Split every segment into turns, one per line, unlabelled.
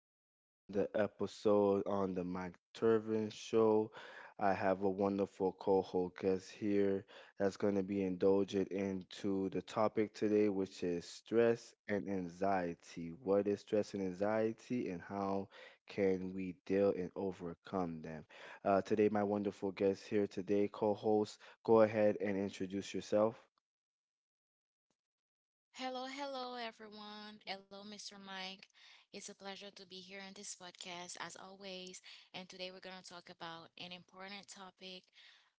back to another episode on the Mike Turvin Show. I have a wonderful co-host guest here that's going to be indulgent into the topic today, which is stress and anxiety. What is stress and anxiety, and how can we deal and overcome them? Today, my wonderful guest here today, co-host, go ahead and introduce yourself.
Hello, hello, everyone. Hello, Mr. Mike. It's a pleasure to be here on this podcast, as always. And today we're going to talk about an important topic,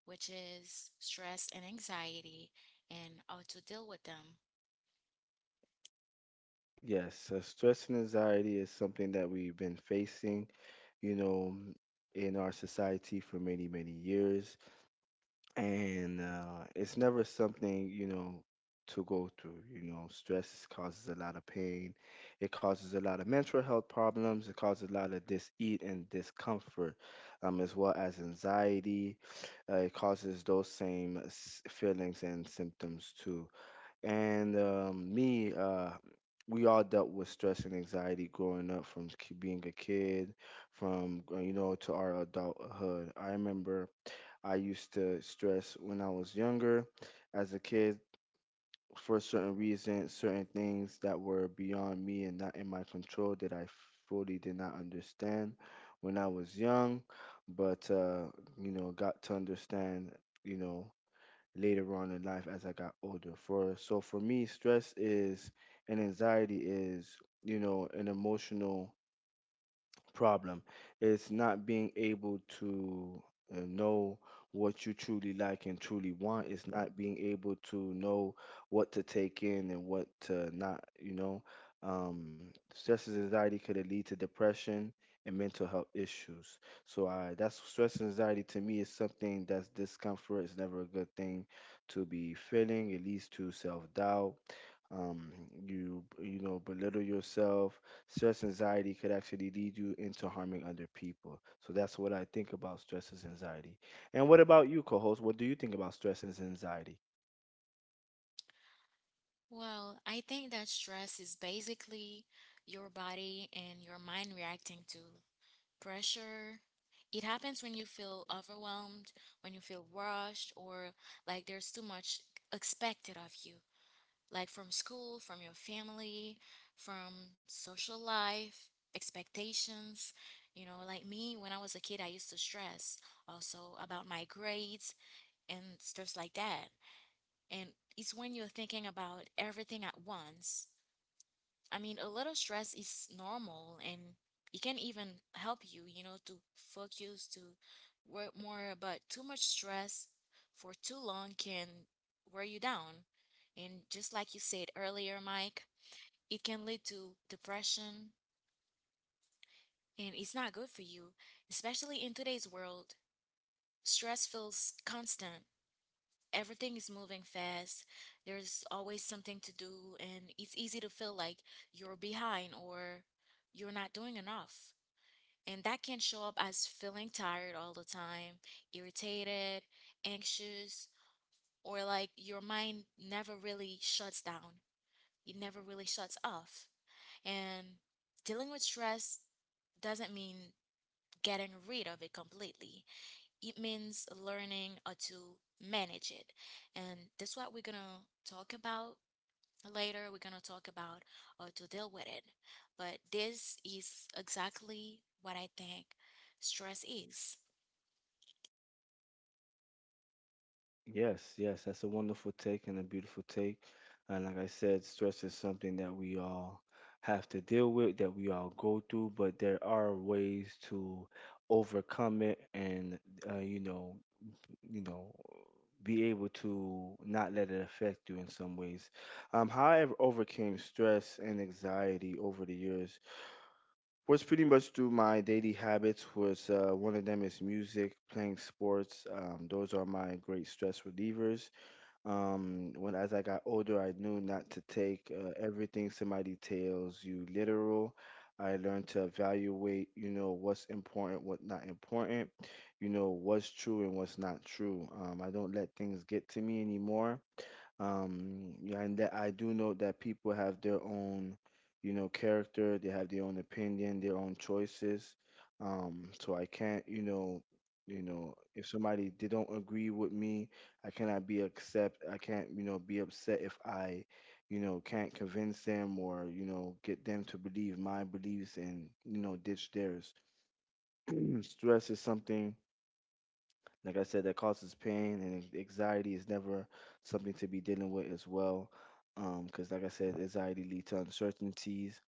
which is stress and anxiety and how to deal with them.
Yes, stress and anxiety is something that we've been facing, you know, in our society for many, many years. And it's never something, you know, to go through. You know, stress causes a lot of pain. It causes a lot of mental health problems. It causes a lot of dis-ease and discomfort, as well as anxiety. It causes those same feelings and symptoms too and we all dealt with stress and anxiety growing up from being a kid, from you know to our adulthood. I remember I used to stress when I was younger, as a kid, for certain reasons, certain things that were beyond me and not in my control that I fully did not understand when I was young, but you know got to understand, you know later on in life as I got older. For so for me, stress is and anxiety is, you know, an emotional problem. It's not being able to know what you truly like and truly want. It's not being able to know what to take in and what to not, you know. Um, Stress and anxiety could lead to depression and mental health issues. So I, that's stress and anxiety to me is something that's discomfort. It's never a good thing to be feeling. It leads to self doubt. Um, you you know belittle yourself. Stress anxiety could actually lead you into harming other people. So that's what I think about stress is anxiety. And what about you, co-host? What do you think about stress is anxiety?
Well, I think that stress is basically your body and your mind reacting to pressure. It happens when you feel overwhelmed, when you feel rushed, or like there's too much expected of you, like from school, from your family, from social life, expectations. You know, like me, when I was a kid, I used to stress also about my grades and stuff like that. And it's when you're thinking about everything at once. I mean, a little stress is normal and it can even help you, you know, to focus, to work more, but too much stress for too long can wear you down. And just like you said earlier, Mike, it can lead to depression, and it's not good for you, especially in today's world. Stress feels constant. Everything is moving fast. There's always something to do, and it's easy to feel like you're behind or you're not doing enough. And that can show up as feeling tired all the time, irritated, anxious, or like your mind never really shuts down. It never really shuts off. And dealing with stress doesn't mean getting rid of it completely. It means learning how to manage it. And that's what we're going to talk about later. We're going to talk about how to deal with it. But this is exactly what I think stress is.
Yes, yes, that's a wonderful take and a beautiful take. And like I said, stress is something that we all have to deal with, that we all go through, but there are ways to overcome it and, uh, you know, you know, be able to not let it affect you in some ways. How I overcame stress and anxiety over the years was pretty much through my daily habits. Was one of them is music, playing sports. Those are my great stress relievers. When as I got older, I knew not to take everything somebody tells you literal. I learned to evaluate, you know, what's important, what not important, you know, what's true and what's not true. I don't let things get to me anymore, yeah, and that I do know that people have their own, you know, character. They have their own opinion, their own choices. So I can't, you know, you know, if somebody they don't agree with me, I can't, you know, be upset if I, you know, can't convince them or, you know, get them to believe my beliefs and, you know, ditch theirs. Stress is something, like I said, that causes pain, and anxiety is never something to be dealing with as well. Because, like I said, anxiety leads to uncertainties.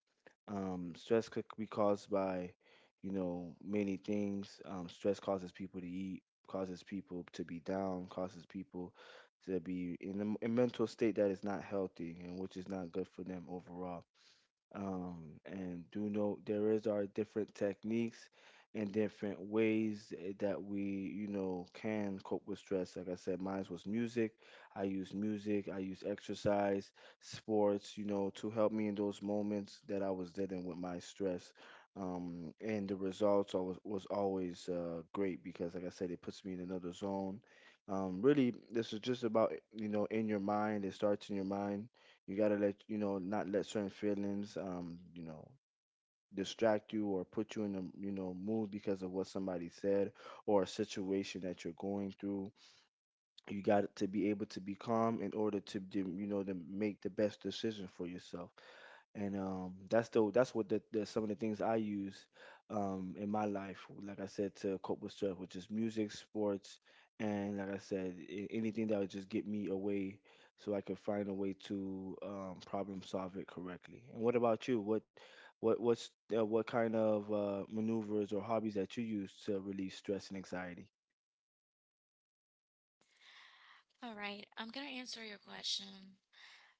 Stress could be caused by, you know, many things. Stress causes people to eat, causes people to be down, causes people to be in a mental state that is not healthy and which is not good for them overall. um, and do know there is our different techniques and different ways, that we, you know, can cope with stress. Like I said, mine was music. I use music, I use exercise, sports, you know, to help me in those moments that I was dealing with my stress. And the results was always great because, like I said, it puts me in another zone. Really, this is just about, you know, in your mind. It starts in your mind. You gotta let, you know, not let certain feelings, you know, distract you or put you in a, you know, mood because of what somebody said or a situation that you're going through. You got to be able to be calm in order to you know to make the best decision for yourself, and that's the that's what the some of the things I use in my life. Like I said, to cope with stress, which is music, sports, and like I said, anything that would just get me away, so I could find a way to problem solve it correctly. And what about you? What's what kind of maneuvers or hobbies that you use to relieve stress and anxiety?
All right, I'm going to answer your question.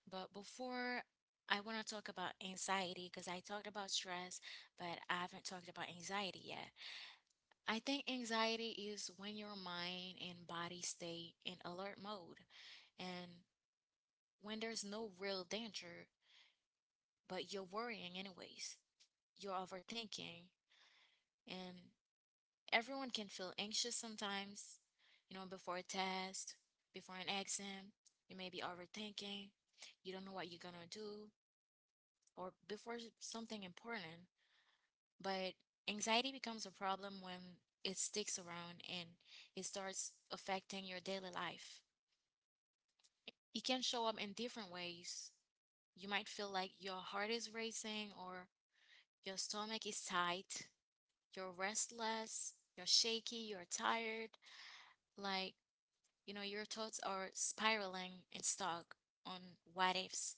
But before, I want to talk about anxiety because I talked about stress, but I haven't talked about anxiety yet. I think anxiety is when your mind and body stay in alert mode and when there's no real danger, but you're worrying anyways. You're overthinking, and everyone can feel anxious sometimes, you know, before a test, before an exam. You may be overthinking, you don't know what you're gonna do, or before something important. But anxiety becomes a problem when it sticks around and it starts affecting your daily life. It can show up in different ways. You might feel like your heart is racing or your stomach is tight, you're restless, you're shaky, you're tired, like, you know, your thoughts are spiraling and stuck on what ifs,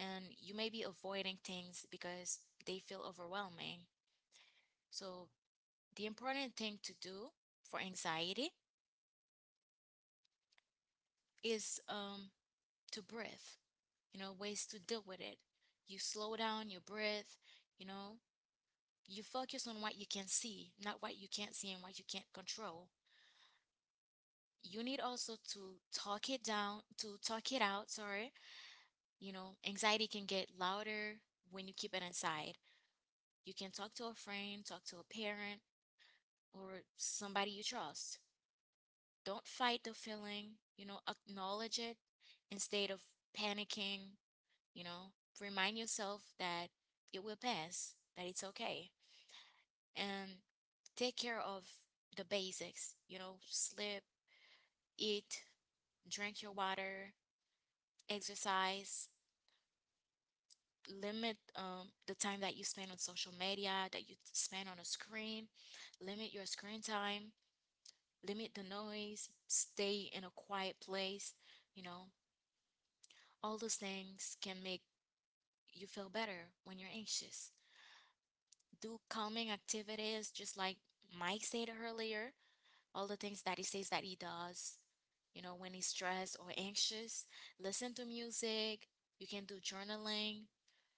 and you may be avoiding things because they feel overwhelming. So, the important thing to do for anxiety is to breathe, you know, ways to deal with it. You slow down, you breathe, you know, you focus on what you can see, not what you can't see and what you can't control. You need also to talk it down, to talk it out. Sorry, you know, anxiety can get louder when you keep it inside. You can talk to a friend, talk to a parent, or somebody you trust. Don't fight the feeling, you know, acknowledge it instead of panicking, you know, remind yourself that it will pass, that it's okay. And take care of the basics, you know, sleep, eat, drink your water, exercise, limit the time that you spend on social media, that you spend on a screen, limit your screen time, limit the noise, stay in a quiet place, you know, all those things can make you feel better when you're anxious. Do calming activities, just like Mike said earlier, all the things that he says that he does. You know, when he's stressed or anxious, listen to music. You can do journaling,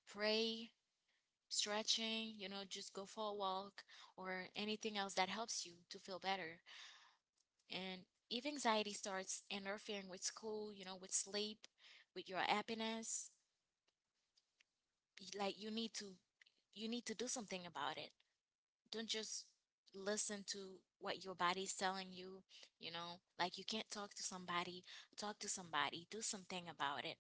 pray, stretching, you know, just go for a walk or anything else that helps you to feel better. And if anxiety starts interfering with school, you know, with sleep, with your happiness, like you need to do something about it. Don't just listen to what your body's telling you, you know? Like you can't talk to somebody, do something about it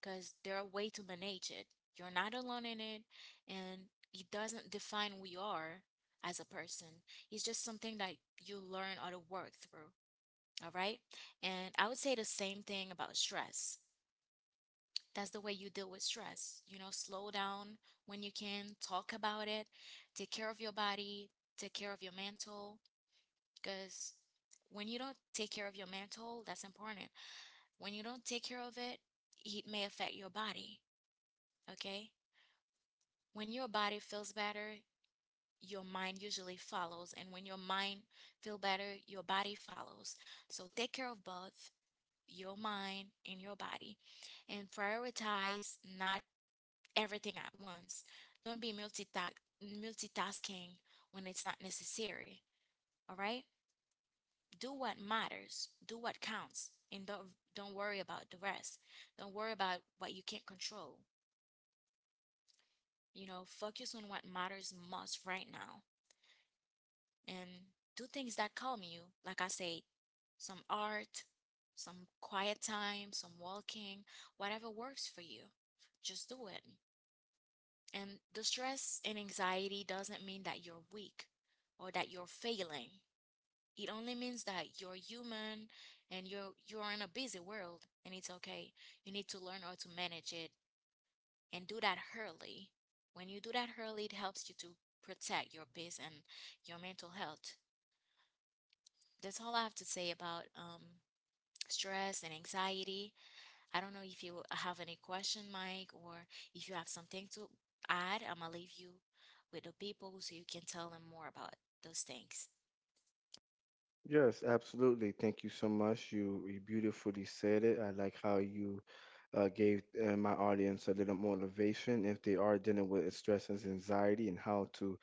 because there are way to manage it. You're not alone in it and it doesn't define who you are as a person. It's just something that you learn or to work through. All right. And I would say the same thing about stress. That's the way you deal with stress. You know, slow down when you can, talk about it, take care of your body, take care of your mental because when you don't take care of your mental, that's important. When you don't take care of it, it may affect your body, okay? When your body feels better, your mind usually follows, and when your mind feel better, your body follows. So take care of both your mind and your body and prioritize not everything at once. Don't be multitasking when it's not necessary, all right? Do what matters, do what counts, and don't worry about the rest. Don't worry about what you can't control. You know, focus on what matters most right now and do things that calm you. Like I say, some art, some quiet time, some walking, whatever works for you. Just do it. And the stress and anxiety doesn't mean that you're weak or that you're failing. It only means that you're human and you're in a busy world and it's okay. You need to learn how to manage it and do that early. When you do that early, it helps you to protect your peace and your mental health. That's all I have to say about stress and anxiety. I don't know if you have any question, Mike, or if you have something to add. I'm gonna leave you with the people so you can tell them more about those things.
Yes, absolutely. Thank you so much. You beautifully said it. I like how you gave my audience a little motivation if they are dealing with stress and anxiety and how to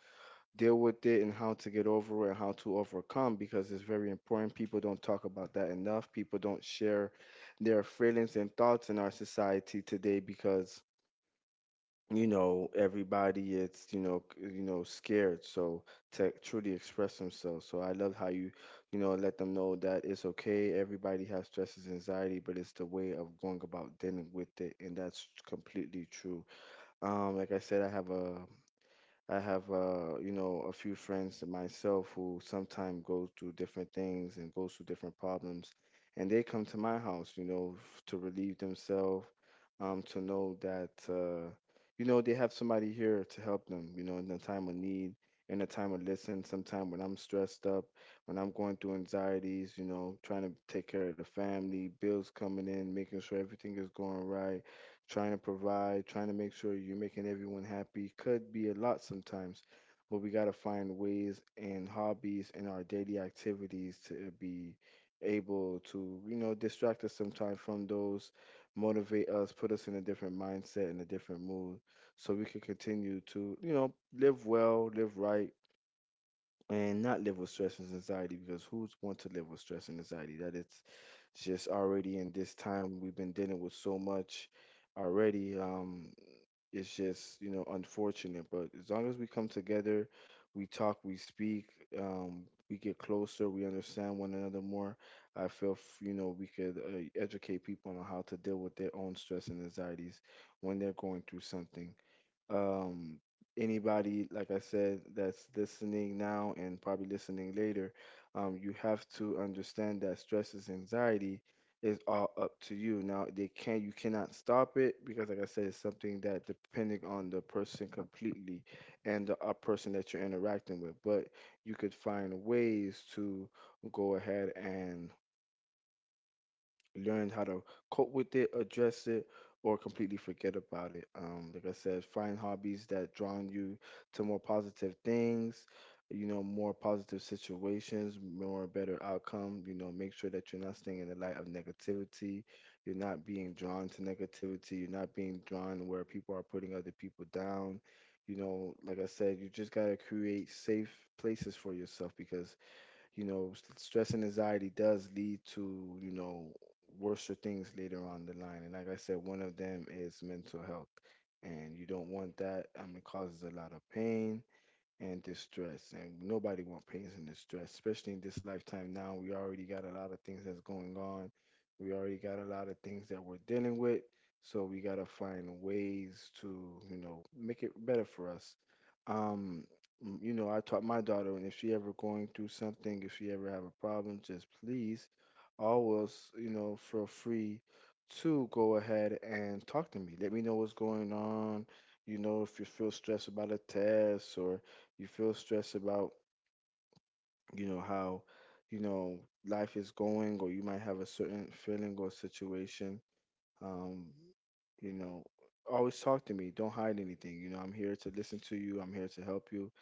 deal with it and how to get over it and how to overcome because it's very important. People don't talk about that enough. People don't share their feelings and thoughts in our society today, because you know everybody it's, you know, you know scared, so to truly express themselves. So I love how you, you know, let them know that it's okay. Everybody has stresses anxiety, but it's the way of going about dealing with it, and that's completely true. Like I said, I have you know a few friends and myself who sometimes go through different things and goes through different problems, and they come to my house, you know, to relieve themselves, to know that you know they have somebody here to help them. You know, in the time of need, in the time of listen. Sometime when I'm stressed up, when I'm going through anxieties, you know, trying to take care of the family, bills coming in, making sure everything is going right, trying to provide, trying to make sure you're making everyone happy. Could be a lot sometimes. But we gotta find ways and hobbies and our daily activities to be able to, you know, distract us sometimes from those, motivate us, put us in a different mindset, in a different mood, so we can continue to, you know, live well, live right, and not live with stress and anxiety. Because who's want to live with stress and anxiety? That it's just, already in this time, we've been dealing with so much already. It's just, you know, unfortunate. But as long as we come together, we talk, we speak, um, we get closer, we understand one another more. I feel, you know, we could educate people on how to deal with their own stress and anxieties when they're going through something. um, Anybody, like I said, that's listening now and probably listening later, you have to understand that stress is anxiety is all up to you. Now they can you cannot stop it, because like I said, it's something that depending on the person completely and the person that you're interacting with, but you could find ways to go ahead and learn how to cope with it, address it, or completely forget about it. Like I said, find hobbies that draw you to more positive things, you know, more positive situations, more better outcome. You know, make sure that you're not staying in the light of negativity. You're not being drawn to negativity. You're not being drawn where people are putting other people down. You know, like I said, you just gotta create safe places for yourself, because you know, stress and anxiety does lead to, you know, worse things later on the line. And like I said, one of them is mental health. And you don't want that. It causes a lot of pain and distress, and nobody want pains and distress, especially in this lifetime. Now we already got a lot of things that's going on. We already got a lot of things that we're dealing with, so we got to find ways to, you know, make it better for us. um you know, I taught my daughter, and if she ever going through something, if she ever have a problem, just please always, you know, feel free to go ahead and talk to me, let me know what's going on. You know, if you feel stressed about a test or you feel stressed about, you know, how, you know, life is going, or you might have a certain feeling or situation, um, you know, always talk to me. Don't hide anything. You know, I'm here to listen to you. I'm here to help you.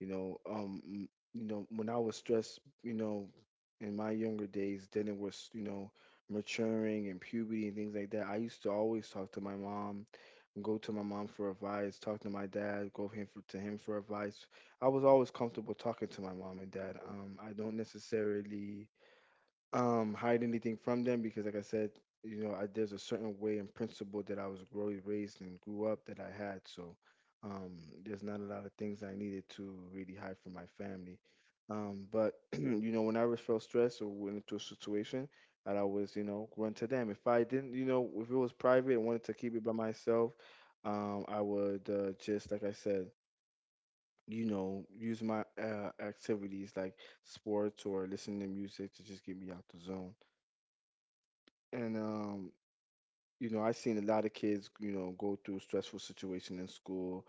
You know, m- you know, When I was stressed, in my younger days, then it was, maturing and puberty and things like that. I used to always talk to my mom, go to my mom for advice, talk to my dad, to him for advice. I was always comfortable talking to my mom and dad. I don't necessarily hide anything from them because like I said, I, there's a certain way and principle that raised and grew up that I had. So um there's not a lot of things I needed to really hide from my family. Um, but you know, when I was felt stressed or went into a situation, I'd always, you know, run to them. If I didn't, you know, if it was private and wanted to keep it by myself, I would just like I said, you know, use my activities like sports or listening to music to just get me out the zone. And you know, I've seen a lot of kids, you know, go through stressful situation in school,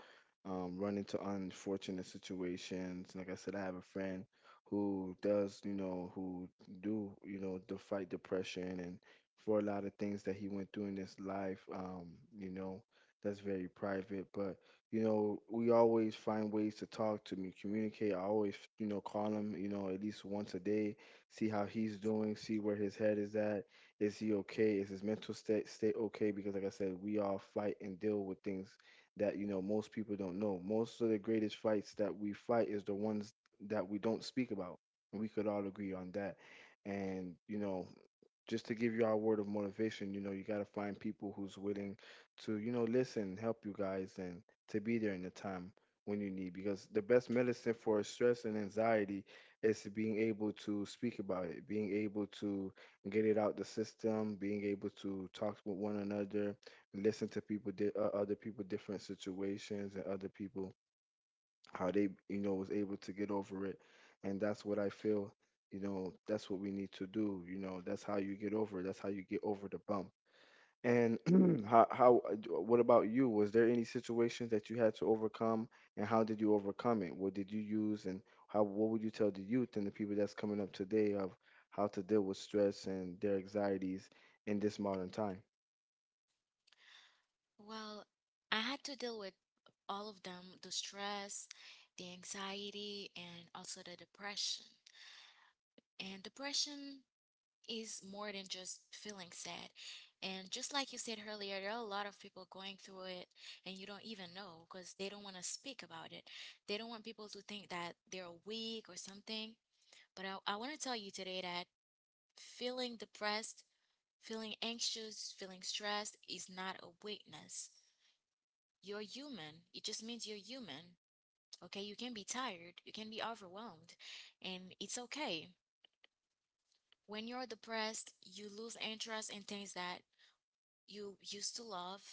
run into unfortunate situations. Like I said, I have a friend who do, you know, to fight depression and for a lot of things that he went through in his life, you know, that's very private. But, you know, we always find ways to talk, to me, communicate. I always, you know, call him, you know, at least once a day, see how he's doing, see where his head is at. Is he okay? Is his mental state okay? Because like I said, we all fight and deal with things that, you know, most people don't know. Most of the greatest fights that we fight is the ones that we don't speak about, and we could all agree on that. And you know, just to give you our word of motivation, you know, you got to find people who's willing to, you know, listen, help you guys, and to be there in the time when you need. Because the best medicine for stress and anxiety is being able to speak about it, being able to get it out the system, being able to talk with one another, listen to people, other people, different situations, and other people, how they, you know, was able to get over it. And that's what I feel. You know, that's what we need to do. You know, that's how you get over it. That's how you get over the bump. And how what about you? Was there any situations that you had to overcome, and how did you overcome it? What did you use, and how what would you tell the youth and the people that's coming up today of how to deal with stress and their anxieties in this modern time?
Well, I had to deal with all of them, the stress, the anxiety, and also the depression. And depression is more than just feeling sad. And just like you said earlier, there are a lot of people going through it and you don't even know because they don't want to speak about it. They don't want people to think that they're weak or something. But I want to tell you today that feeling depressed, feeling anxious, feeling stressed is not a weakness. You're human. It just means you're human. Okay, you can be tired, you can be overwhelmed, and it's okay. When you're depressed, you lose interest in things that you used to love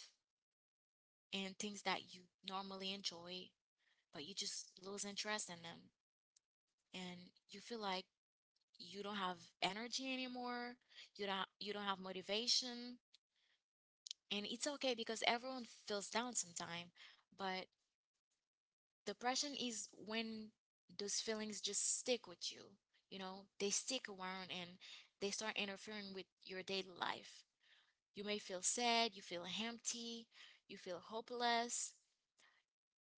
and things that you normally enjoy, but you just lose interest in them. And you feel like you don't have energy anymore, you don't have motivation, and it's okay because everyone feels down sometime, but depression is when those feelings just stick with you. You know, they stick around and they start interfering with your daily life. You may feel sad, you feel empty, you feel hopeless,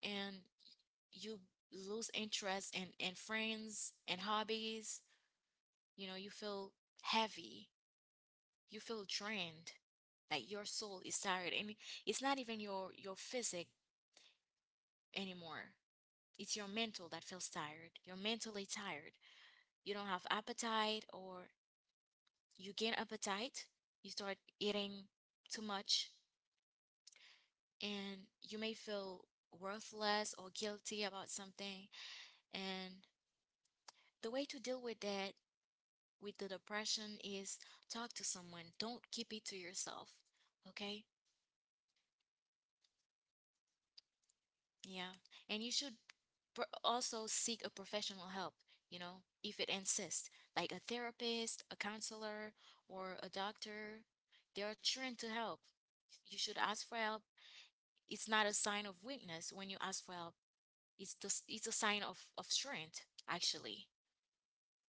and you lose interest in friends and hobbies. You know, you feel heavy, you feel drained, like your soul is tired. And it's not even your physic anymore, it's your mental that feels tired. You're mentally tired. You don't have appetite or you gain appetite, you start eating too much and you may feel worthless or guilty about something. And the way to deal with that, with the depression, is talk to someone. Don't keep it to yourself. Okay? Yeah. And you should also seek a professional help, you know, if it insists, like a therapist, a counselor, or a doctor. They are trained to help. You should ask for help. It's not a sign of weakness when you ask for help. It's just, it's a sign of strength, actually.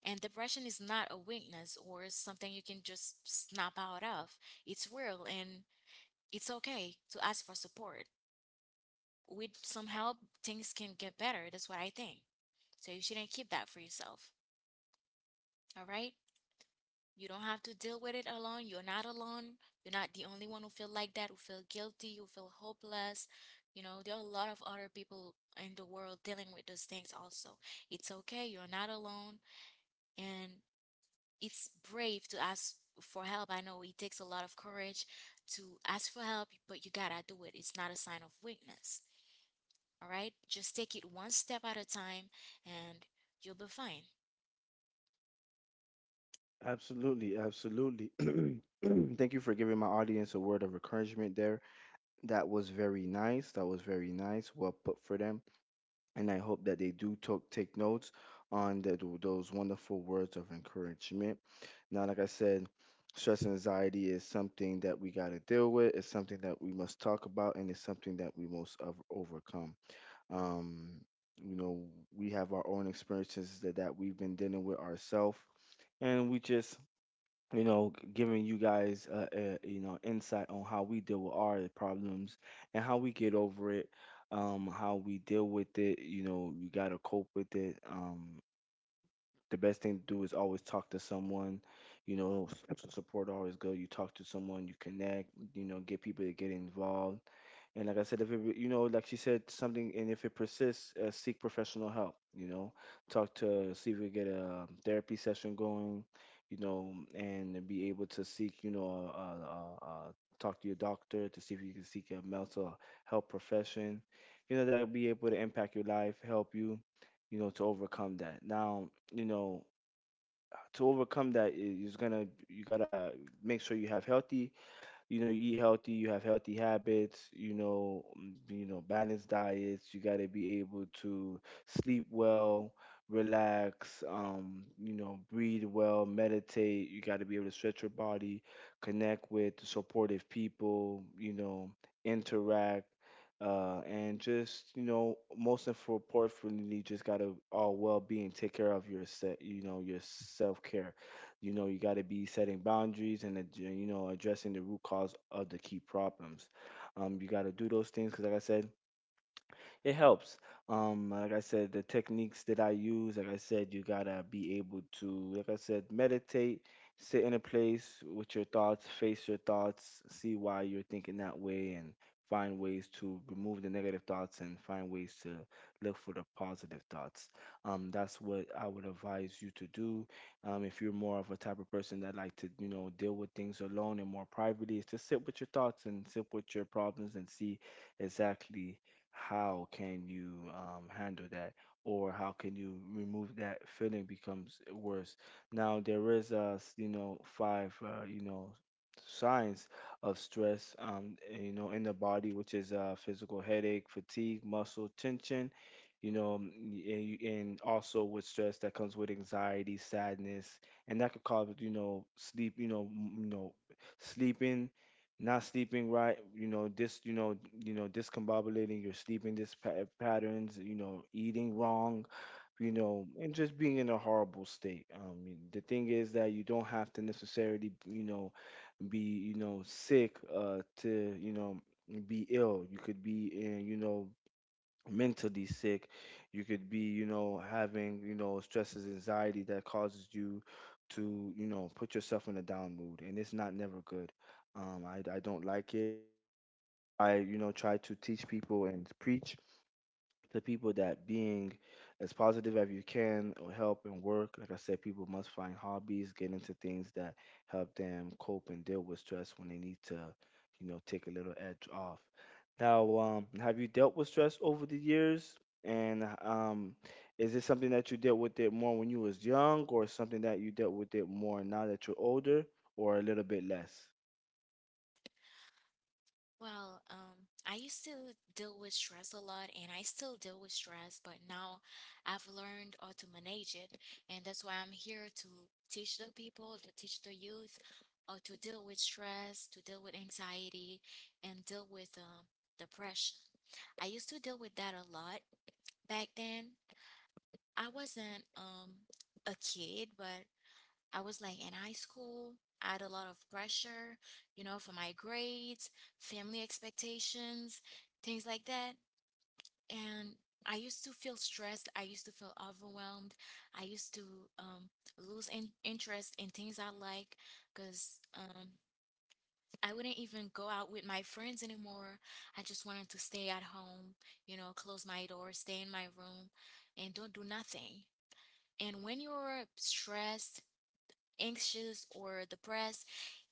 And depression is not a weakness or something you can just snap out of. It's real and it's okay to ask for support. With some help, things can get better. That's what I think. So you shouldn't keep that for yourself. All right? You don't have to deal with it alone. You're not alone. You're not the only one who feel like that, who feel guilty, who feel hopeless. You know, there are a lot of other people in the world dealing with those things also. It's okay. You're not alone. And it's brave to ask for help. I know it takes a lot of courage to ask for help, but you gotta do it. It's not a sign of weakness. All right? Just take it one step at a time and you'll be fine.
Absolutely, absolutely. Thank you for giving my audience a word of encouragement there. That was very nice. That was very nice. Well put for them. And I hope that they do talk, take notes on those wonderful words of encouragement. Now, like I said, stress and anxiety is something that we got to deal with. It's something that we must talk about, and it's something that we must overcome. Um, you know, we have our own experiences that we've been dealing with ourselves, and we just, you know, giving you guys you know, insight on how we deal with our problems and how we get over it, how we deal with it. You know, you gotta cope with it. The best thing to do is always talk to someone. You know, support always good. You talk to someone, you connect. You know, get people to get involved. And like I said, if it, you know, like she said something, and if it persists, seek professional help. You know, talk to see if we get a therapy session going. You know, and be able to seek, you know, uh, talk to your doctor to see if you can seek a mental health profession. You know, that'll be able to impact your life, help you, you know, to overcome that. Now, you know, to overcome that is gonna, you gotta make sure you have healthy, you know, you eat healthy, you have healthy habits, you know, you know, balanced diets. You got to be able to sleep well, relax, you know, breathe well, meditate. You got to be able to stretch your body, connect with supportive people, you know, interact, and just, you know, most importantly, just gotta all well being, take care of your set, you know, your self care. You know, you got to be setting boundaries and, you know, addressing the root cause of the key problems. You got to do those things because, like I said, it helps. Like I said, the techniques that I use, like I said, you gotta be able to, like I said, meditate, sit in a place with your thoughts, face your thoughts, see why you're thinking that way, and find ways to remove the negative thoughts and find ways to look for the positive thoughts. That's what I would advise you to do. If you're more of a type of person that like to, you know, deal with things alone and more privately, is to sit with your thoughts and sit with your problems and see exactly how can you handle that, or how can you remove that feeling becomes worse. Now there is you know, five you know, signs of stress, you know, in the body, which is physical headache, fatigue, muscle tension, you know, and also with stress that comes with anxiety, sadness. And that could cause, you know, sleep, you know, you know, sleeping, not sleeping right, you know, you know, you know, discombobulating your sleeping patterns, you know, eating wrong, you know, and just being in a horrible state. The thing is that you don't have to necessarily, you know, be, you know, sick, to, you know, be ill. You could be in, you know, mentally sick. You could be, you know, having, you know, stresses, anxiety that causes you to, you know, put yourself in a down mood, and it's not never good. I don't like it. I, you know, try to teach people and preach to people that being as positive as you can will help and work. Like I said, people must find hobbies, get into things that help them cope and deal with stress when they need to, you know, take a little edge off. Now, have you dealt with stress over the years? And is this something that you dealt with it more when you was young, or something that you dealt with it more now that you're older, or a little bit less?
Well, I used to deal with stress a lot and I still deal with stress, but now I've learned how to manage it. And that's why I'm here to teach the people, to teach the youth how to deal with stress, to deal with anxiety, and deal with depression. I used to deal with that a lot back then. I wasn't a kid, but I was like in high school, I had a lot of pressure, you know, for my grades, family expectations, things like that. And I used to feel stressed. I used to feel overwhelmed. I used to um, lose interest in things I like because I wouldn't even go out with my friends anymore. I just wanted to stay at home, you know, close my door, stay in my room, and don't do nothing. And when you're stressed, anxious, or depressed,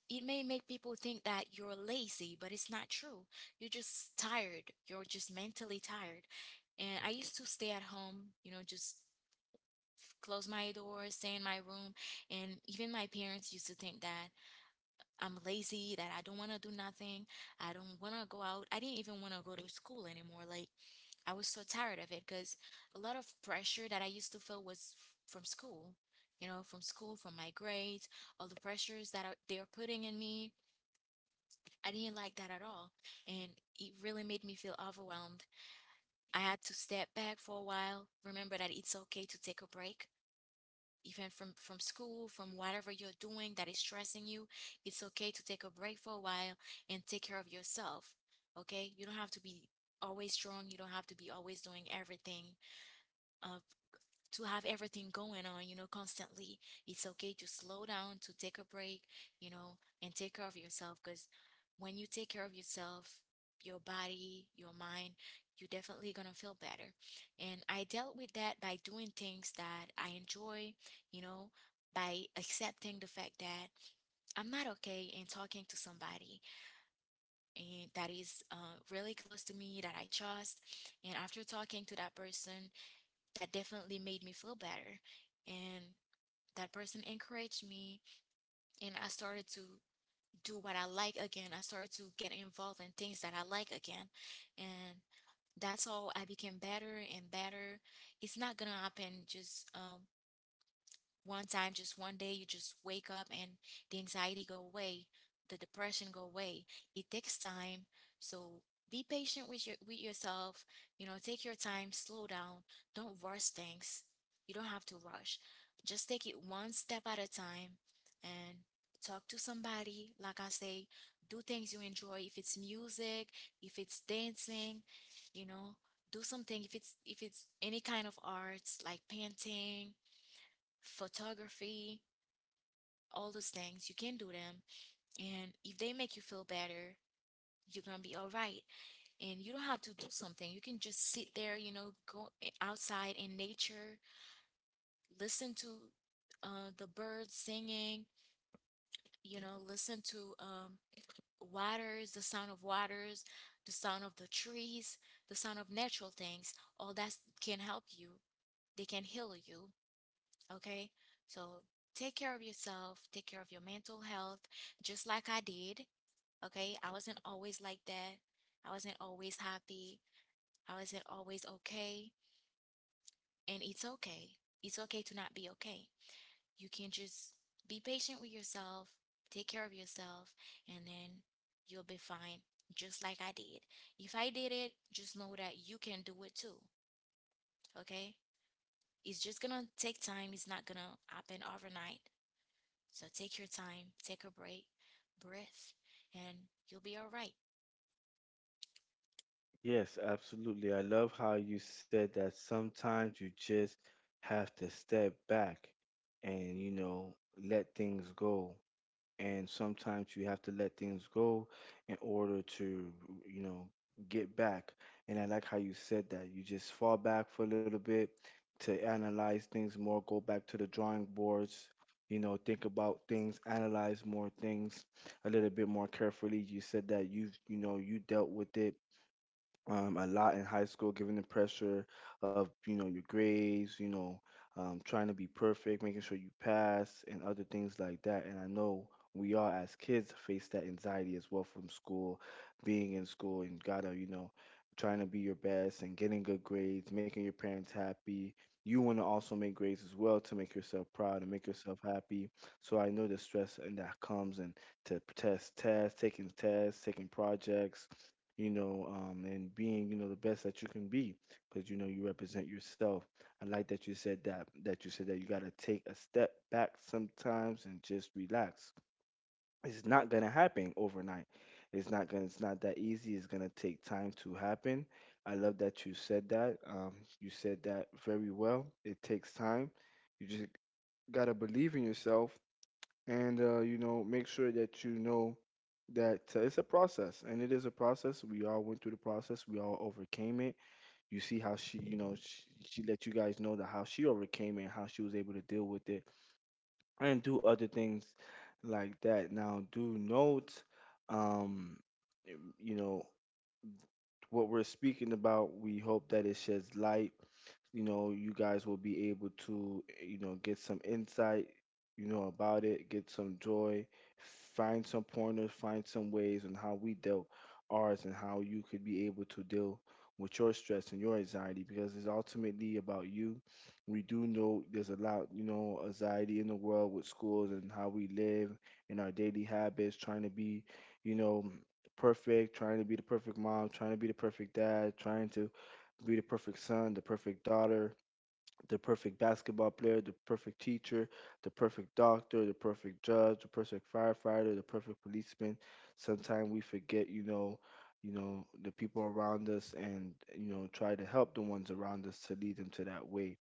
it may make people think that you're lazy, but it's not true. You're just tired. You're just mentally tired. And I used to stay at home, you know, just close my door, stay in my room. And even my parents used to think that I'm lazy, that I don't want to do nothing. I don't want to go out. I didn't even want to go to school anymore. Like, I was so tired of it because a lot of pressure that I used to feel was from school, you know, from school, from my grades, all the pressures that are, they're putting in me I didn't like that at all. And it really made me feel overwhelmed. I had to step back for a while, remember that it's okay to take a break. Even from school, from whatever you're doing that is stressing you, it's okay to take a break for a while and take care of yourself. Okay? You don't have to be always strong. You don't have to be always doing everything. Uh, to have everything going on, you know, constantly. It's okay to slow down, to take a break, you know, and take care of yourself because when you take care of yourself, your body, your mind, you're definitely gonna feel better. And I dealt with that by doing things that I enjoy, you know, by accepting the fact that I'm not okay and talking to somebody and that is really close to me that I trust. And after talking to that person, that definitely made me feel better. And that person encouraged me, and I started to do what I like again. I started to get involved in things that I like again. And that's how I became better and better. It's not gonna happen just one time. Just one day you just wake up and the anxiety go away, the depression go away. It takes time. So be patient with your with yourself. You know, take your time, slow down, don't rush things. You don't have to rush. Just take it one step at a time. And talk to somebody, like I say, do things you enjoy. If it's music, if it's dancing, you know, do something. If it's if it's any kind of arts, like painting, photography, all those things. You can do them. And if they make you feel better, you're gonna be all right. And you don't have to do something. You can just sit there, you know, go outside in nature, listen to the birds singing, you know, listen to waters, the sound of waters, the sound of the trees, the sound of natural things. All that can help you. They can heal you. Okay, so take care of yourself, take care of your mental health, just like I did. Okay, I wasn't always like that. I wasn't always happy. I wasn't always okay. And it's okay. It's okay to not be okay. You can just be patient with yourself, take care of yourself, and then you'll be fine, just like I did. If I did it, just know that you can do it too. Okay, it's just gonna take time, it's not gonna happen overnight. So take your time, take a break, breath, and you'll be all right.
Yes, absolutely. I love how you said that sometimes you just have to step back and, you know, let things go. And sometimes you have to let things go in order to, you know, get back. And I like how you said that. You just fall back for a little bit to analyze things more, go back to the drawing boards, you know, think about things, analyze more things a little bit more carefully. You said that you've, you know, you dealt with it a lot in high school, given the pressure of, you know, your grades, you know, trying to be perfect, making sure you pass, and other things like that. And I know we all as kids face that anxiety as well from school, being in school, and gotta, you know, trying to be your best and getting good grades, making your parents happy. You want to also make grades as well to make yourself proud and make yourself happy. So I know the stress and that comes, and to tests, taking projects, you know, and being, you know, the best that you can be because, you know, you represent yourself. I like that you said that, that you said that you got to take a step back sometimes and just relax. It's not going to happen overnight. It's not that easy. It's going to take time to happen. I love that you said that. You said that very well. It takes time. You just got to believe in yourself and, you know, make sure that you know that it's a process, and it is a process. We all went through the process. We all overcame it. You see how she let you guys know that how she overcame it, how she was able to deal with it and do other things like that. Now do note, um you know, what we're speaking about, we hope that it sheds light. You know, you guys will be able to, you know, get some insight, you know, about it, get some joy, find some pointers, find some ways on how we dealt ours and how you could be able to deal with your stress and your anxiety, because it's ultimately about you. We do know there's a lot, you know, anxiety in the world with schools and how we live and our daily habits, trying to be, you know, perfect, trying to be the perfect mom, trying to be the perfect dad, trying to be the perfect son, the perfect daughter, the perfect basketball player, the perfect teacher, the perfect doctor, the perfect judge, the perfect firefighter, the perfect policeman. Sometimes we forget, the people around us, and you know, try to help the ones around us to lead them to that way.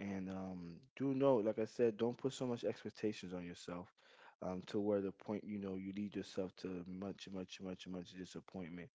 And do know, like I said, don't put so much expectations on yourself, to where the point, you know, you lead yourself to much, much, much, much disappointment.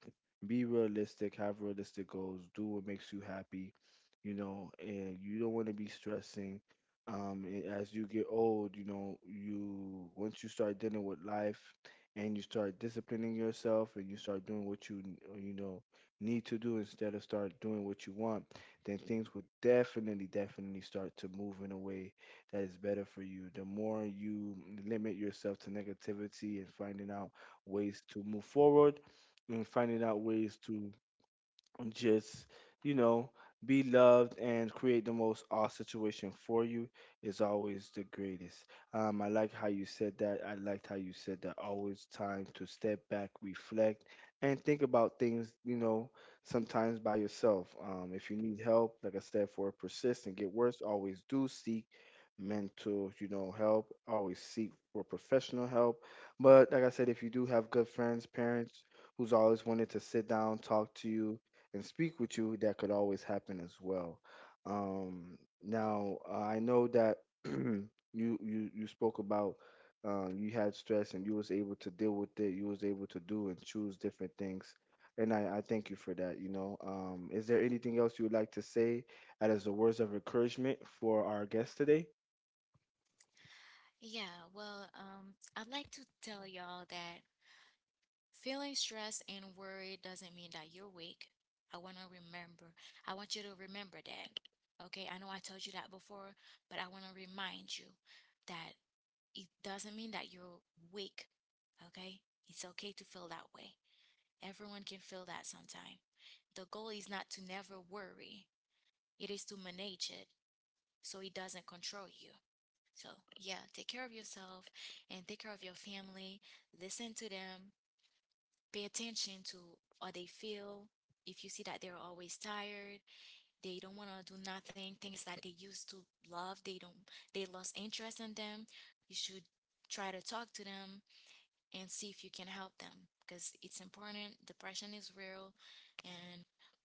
Be realistic, have realistic goals, do what makes you happy, you know, and you don't want to be stressing. As you get old, you know, you once you start dealing with life, and you start disciplining yourself, and you start doing what you, you know, need to do instead of start doing what you want, then things would definitely, definitely start to move in a way that is better for you. The more you limit yourself to negativity and finding out ways to move forward and finding out ways to just, you know, be loved and create the most odd situation for you is always the greatest. I like how you said that. I liked how you said that always time to step back, reflect, and think about things, you know, sometimes by yourself. If you need help, like I said, for persist and get worse, always do seek mental, you know, help. Always seek for professional help. But like I said, if you do have good friends, parents, who's always wanted to sit down, talk to you, and speak with you, that could always happen as well. Now, I know that you you spoke about, you had stress and you was able to deal with it. You was able to do and choose different things, and I thank you for that. You know, is there anything else you would like to say, as the words of encouragement for our guest today?
Yeah, well, I'd like to tell y'all that feeling stressed and worried doesn't mean that you're weak. I want to remember, I want you to remember that. Okay, I know I told you that before, but I want to remind you that it doesn't mean that you're weak. Okay, it's okay to feel that way. Everyone can feel that sometime. The goal is not to never worry, it is to manage it so it doesn't control you. So, yeah, take care of yourself and take care of your family. Listen to them. Pay attention to how they feel. If you see that they're always tired, they don't want to do nothing, things that they used to love, they don't they lost interest in them, you should try to talk to them and see if you can help them because it's important. Depression is real and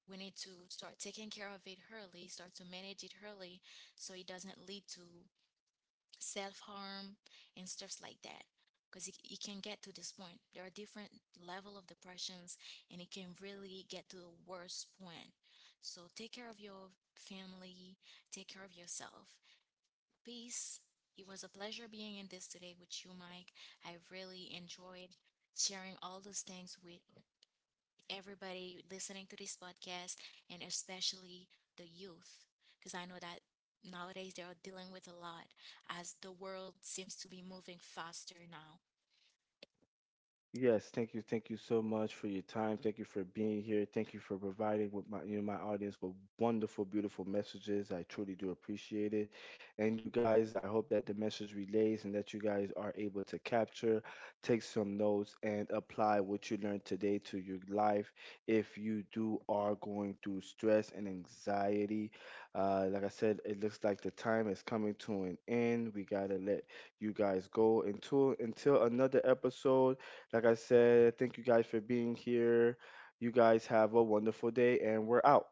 we need to start taking care of it early, start to manage it early so it doesn't lead to self harm and stuff like that because it can get to this point. There are different level of depressions and it can really get to the worst point. So take care of your family, take care of yourself. Peace. It was a pleasure being in this today with you, Mike. I really enjoyed sharing all those things with everybody listening to this podcast, and especially the youth, because I know that nowadays they are dealing with a lot as the world seems to be moving faster now.
Yes, thank you. Thank you so much for your time. Thank you for being here. Thank you for providing with my, you know, my audience with wonderful, beautiful messages. I truly do appreciate it. And you guys, I hope that the message relays and that you guys are able to capture, take some notes, and apply what you learned today to your life. If you do are going through stress and anxiety, like I said, it looks like the time is coming to an end. We gotta let you guys go until another episode. Like I said, thank you guys for being here. You guys have a wonderful day, and we're out.